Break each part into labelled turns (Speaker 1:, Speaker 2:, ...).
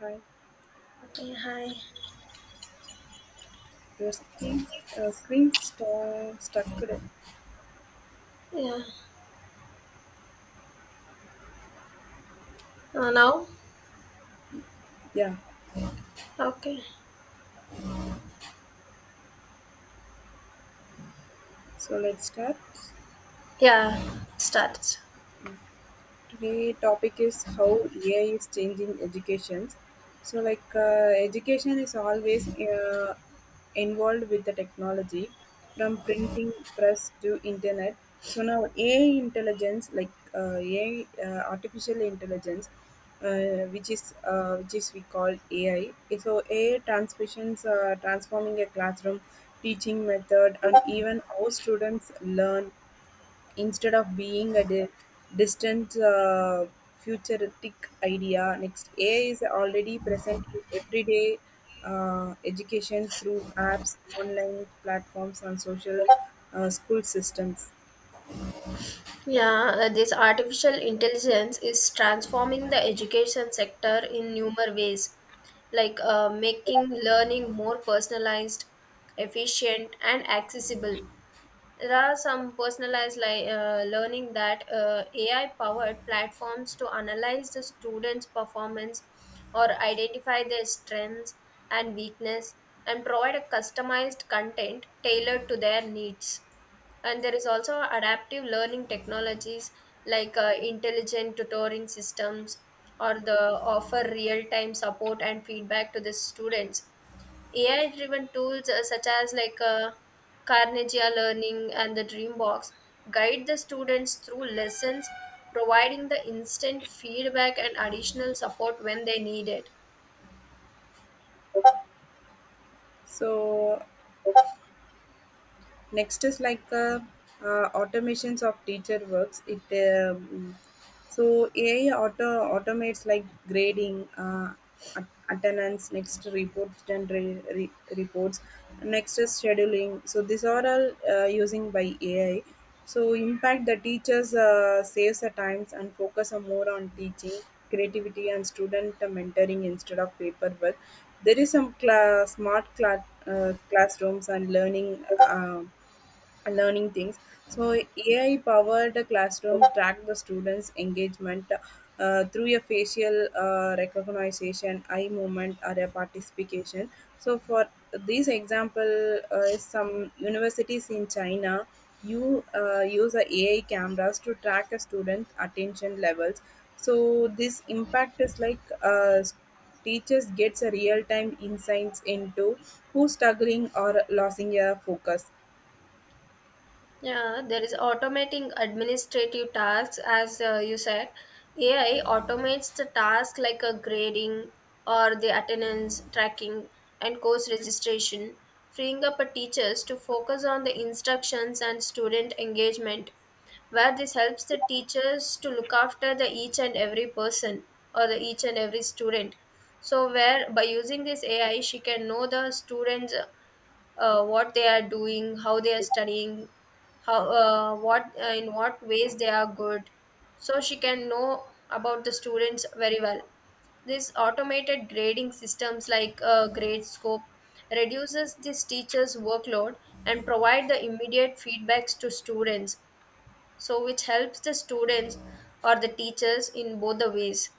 Speaker 1: Hi,
Speaker 2: Okay, hi.
Speaker 1: your screen, screen stuck.
Speaker 2: Yeah. Now?
Speaker 1: Yeah,
Speaker 2: Okay.
Speaker 1: so let's start.
Speaker 2: Yeah, start.
Speaker 1: Today topic is how AI is changing education. So like education is always involved with the technology from printing press to internet. So now AI intelligence like AI uh, artificial intelligence which is we call AI. So AI transmissions uh, transforming a classroom teaching method and even how students learn instead of being a distant futuristic idea. Next, AI is already present in everyday education through apps, online platforms, and social school systems.
Speaker 2: Yeah, this artificial intelligence is transforming the education sector in numerous ways, like making learning more personalized, efficient, and accessible. There are some learning that AI powered platforms to analyze the students' performance or identify their strengths and weakness and provide a customized content tailored to their needs. And there is also adaptive learning technologies like intelligent tutoring systems or the offer real time support and feedback to the students. AI-driven tools such as Carnegia Learning and the Dreambox guide the students through lessons, providing the instant feedback and additional support when they need it.
Speaker 1: So, next is like automations of teacher works it um, so AI automates like grading attendance, next report reports, next is scheduling. So these are all using by AI, so impact the teachers, saves the times and focus on more on teaching creativity and student mentoring instead of paperwork. There is some smart classrooms and learning uh, learning things. So AI powered classrooms track the students' engagement through a facial recognition, eye movement, or a participation. So for this example, is some universities in China you use a AI cameras to track a student attention levels. So this impact is like teachers gets a real time insights into who's struggling or losing a focus.
Speaker 2: Yeah, there is automating administrative tasks, as you said. AI automates the task like a grading or the attendance tracking and course registration, freeing up a teachers to focus on the instructions and student engagement, where this helps the teachers to look after the each and every person or the each and every student. So where by using this AI, she can know the students, what they are doing, how they are studying, how what in what ways they are good, so she can know about the students very well. This automated grading systems, like grade, reduces this teacher's workload and provide the immediate feedbacks to students, so which helps the students or the teachers in both the ways,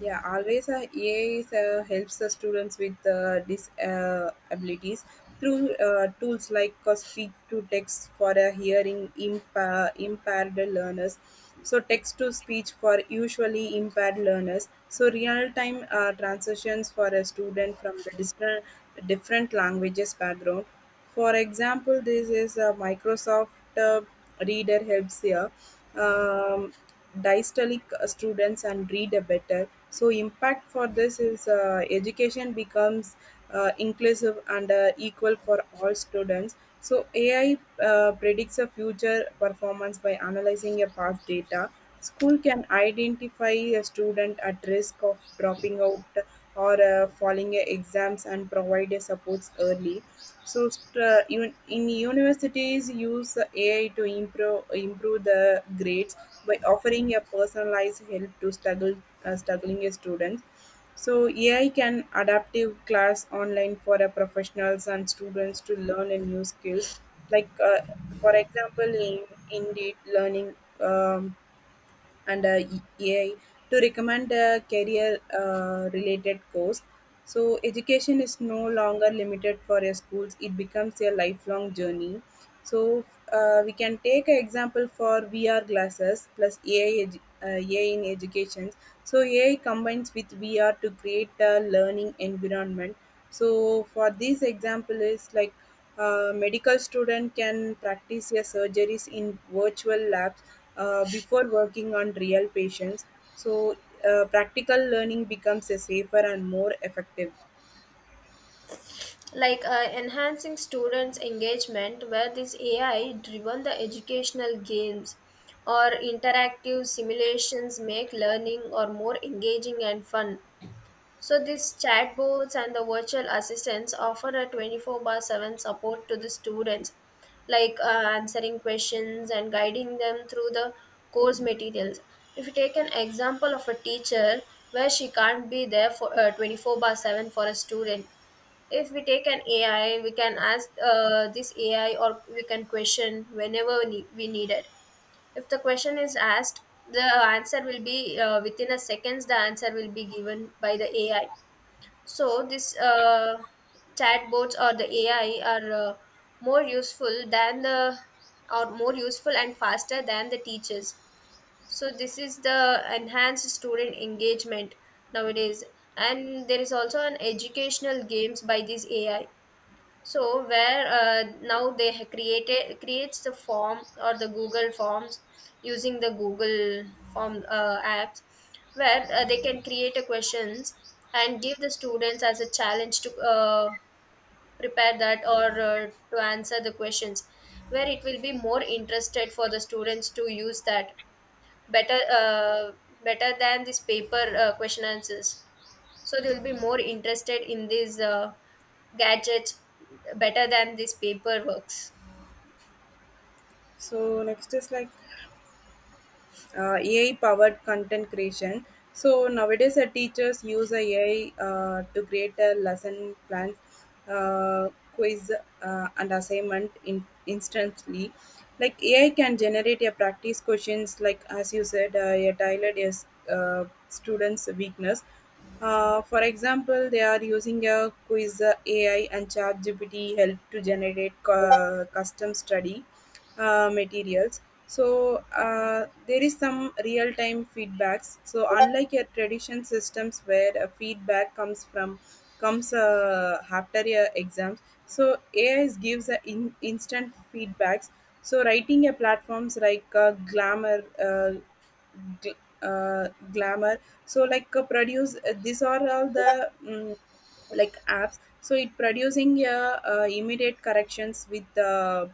Speaker 1: Yeah, always EA is, helps the students with disabilities through tools like speak to text for a hearing impaired learners. So text to speech for usually impaired learners. So real time transitions for a student from the different languages background. For example, this is a Microsoft uh, Reader helps here. Um, Dystalic students and read a better. So impact for this is education becomes inclusive and equal for all students. So AI predicts a future performance by analyzing a past data. School can identify a student at risk of dropping out or falling a exams and provide a supports early. So in universities, use AI to improve the grades by offering a personalized help to struggle struggling students. So AI can adaptive class online for a professionals and students to learn a new skills. Like uh, for example, in Indeed Learning um, and AI to recommend a career related course. So, education is no longer limited for your schools, it becomes a lifelong journey. So, we can take an example for VR glasses plus AI, AI in education. So, AI combines with VR to create a learning environment. So, for this example, is like a medical student can practice their surgeries in virtual labs before working on real patients. So, practical learning becomes a safer and more effective.
Speaker 2: like enhancing students engagement, where this AI driven the educational games or interactive simulations make learning or more engaging and fun. So these chatbots and the virtual assistants offer a 24/7 support to the students, like answering questions and guiding them through the course materials. If you take an example of a teacher where she can't be there for 24/7 for a student, if we take an AI, we can ask this AI, or we can question whenever we need it. If the question is asked, the answer will be within a seconds. The answer will be given by the AI, so this chatbots or the AI are more useful than the, or more useful and faster than the teachers. So this is the enhanced student engagement nowadays, and there is also an educational games by this AI, so where now they ha- created creates the form or the Google forms using the Google form apps, where they can create a questions and give the students as a challenge to prepare that, or to answer the questions, where it will be more interested for the students to use that better better than this paper question answers, so they will be more interested in these gadgets better than these paper works.
Speaker 1: So, next is like AI powered content creation. So nowadays, teachers use a AI to create a lesson plans, uh, quiz, and assignment in instantly. Like AI can generate a practice questions, like as you said, a tailored yes, students' weakness. For example, they are using a quiz AI and ChatGPT help to generate custom study materials. So there is some real time feedbacks, so unlike your tradition systems where feedback comes from comes after your exams. So AI gives a instant feedbacks. So writing a platforms like gl- uh, glamour, so like produce, these are all the like apps, so it producing immediate corrections with the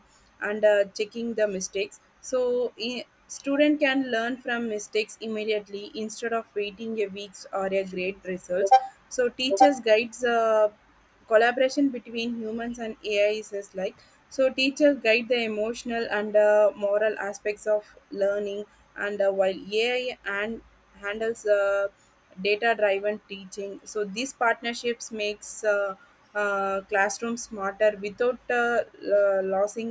Speaker 1: and checking the mistakes, so student can learn from mistakes immediately instead of waiting a weeks or a great results. So teachers guides collaboration between humans and AI is just like, so teachers guide the emotional and moral aspects of learning, and while AI and handles data driven teaching. So these partnerships makes classroom smarter without losing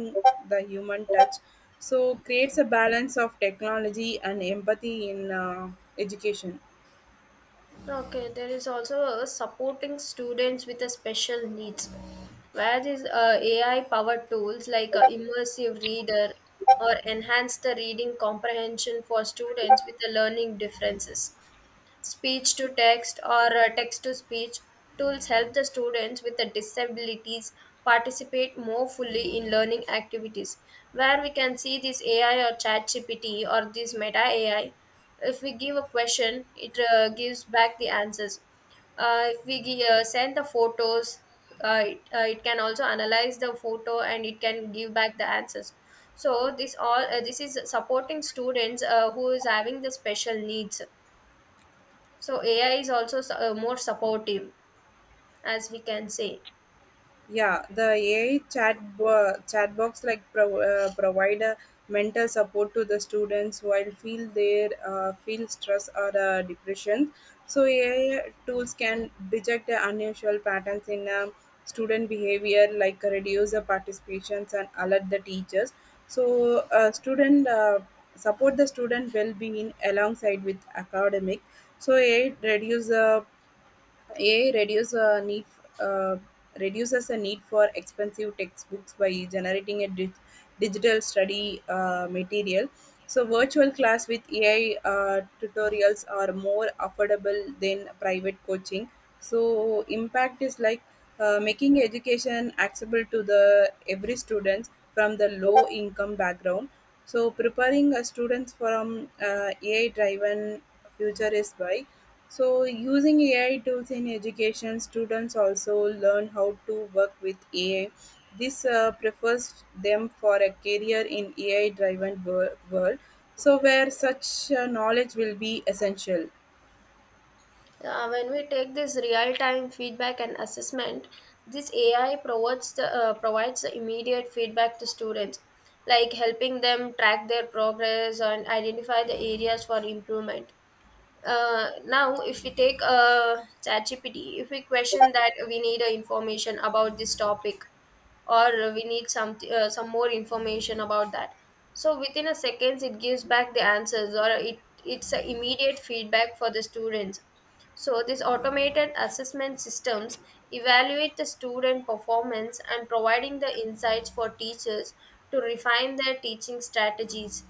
Speaker 1: the human touch. So creates a balance of technology and empathy in education.
Speaker 2: Okay, there is also a supporting students with a special needs, where these AI-powered tools like immersive reader or enhance the reading comprehension for students with the learning differences. Speech to text or text to speech tools help the students with the disabilities participate more fully in learning activities, where we can see this AI or chat gpt or this Meta AI, if we give a question, it gives back the answers. If we send the photos, it can also analyze the photo and it can give back the answers. So this all, this is supporting students who is having the special needs. So AI is also more supportive, as we can say.
Speaker 1: Yeah, the AI chat box like provide a mental support to the students while feel stress or depression. So AI tools can detect the unusual patterns in student behavior, like reduce the participations and alert the teachers. So student support the student well being alongside with academic. So AI uh, reduces the need for expensive textbooks by generating a digital study material. So, virtual class with AI tutorials are more affordable than private coaching. So, impact is like making education accessible to the every student from the low income background. So, preparing students from AI driven future is by, so, using AI tools in education, students also learn how to work with AI. This prefers them for a career in AI driven world, so where such knowledge will be essential.
Speaker 2: When we take this real-time feedback and assessment, this AI provides provides the immediate feedback to students, like helping them track their progress and identify the areas for improvement. Now if we take ChatGPT, if we question that we need information about this topic, or we need some more information about that, so within a seconds it gives back the answers, or it, it's a immediate feedback for the students. So these automated assessment systems evaluate the student performance and providing the insights for teachers to refine their teaching strategies,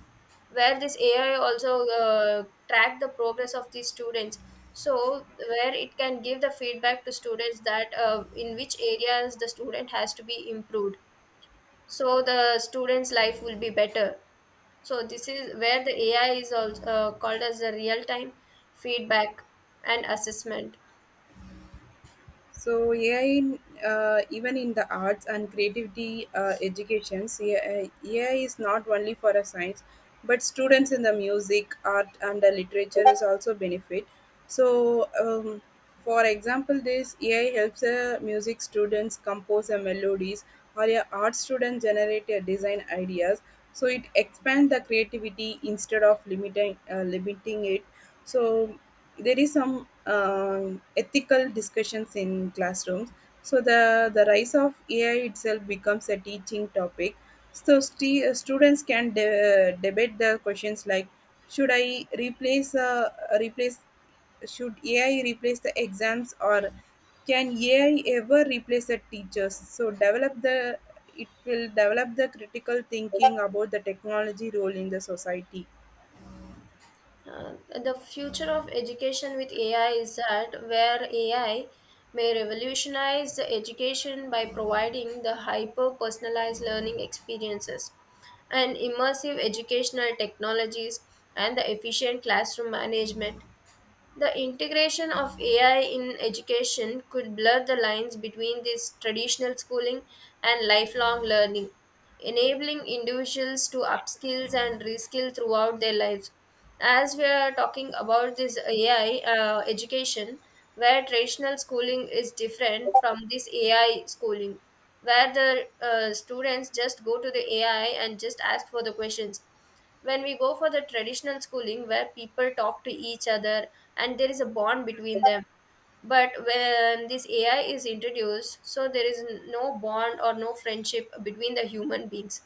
Speaker 2: where this AI also track the progress of these students. So where it can give the feedback to students that in which areas the student has to be improved, so the student's life will be better. So this is where the AI is also called as the real time feedback and assessment.
Speaker 1: So AI, even in the arts and creativity educations, AI, is not only for a science, but students in the music, art, and the literature is also benefit. So, for example, this AI helps music students compose a melodies, or a art student generate a design ideas. So it expands the creativity instead of limiting it. So there is some ethical discussions in classrooms. So the rise of AI itself becomes a teaching topic. So students can debate the questions like should I replace replace should AI replace the exams, or can AI ever replace the teachers? So develop the it will develop the critical thinking about the technology role in the society.
Speaker 2: Uh, the future of education with AI is that where AI may revolutionize the education by providing the hyper personalized learning experiences and immersive educational technologies and the efficient classroom management. The integration of AI in education could blur the lines between this traditional schooling and lifelong learning, enabling individuals to upskill and reskill throughout their lives. As we are talking about this AI education, where traditional schooling is different from this AI schooling, where the students just go to the AI and just ask for the questions. When we go for the traditional schooling, where people talk to each other and there is a bond between them, but when this AI is introduced, so there is no bond or no friendship between the human beings,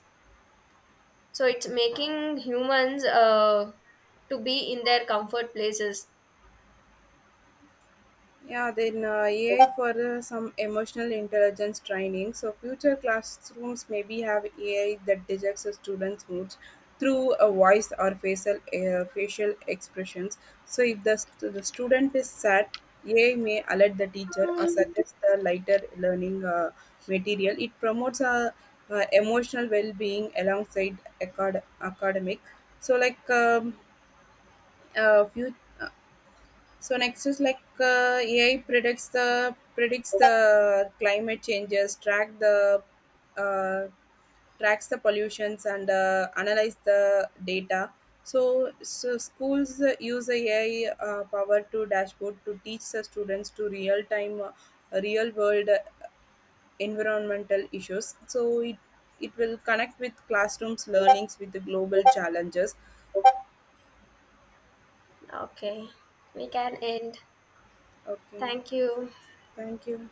Speaker 2: so it's making humans to be in their comfort places.
Speaker 1: Yeah, then AI for some emotional intelligence training. So future classrooms maybe have AI that detects the students' moods through a voice or facial expressions. So if the student is sad, AI may alert the teacher or suggest the lighter learning material. It promotes emotional well-being alongside academic. So like few. So next is like AI predicts the climate changes, uh, tracks the pollutions and analyze the data. So, schools use AI power to dashboard to teach the students to real time, real world environmental issues. So it will connect with classrooms learnings with the global challenges.
Speaker 2: Okay, we can end.
Speaker 1: Okay,
Speaker 2: Thank you.
Speaker 1: thank you.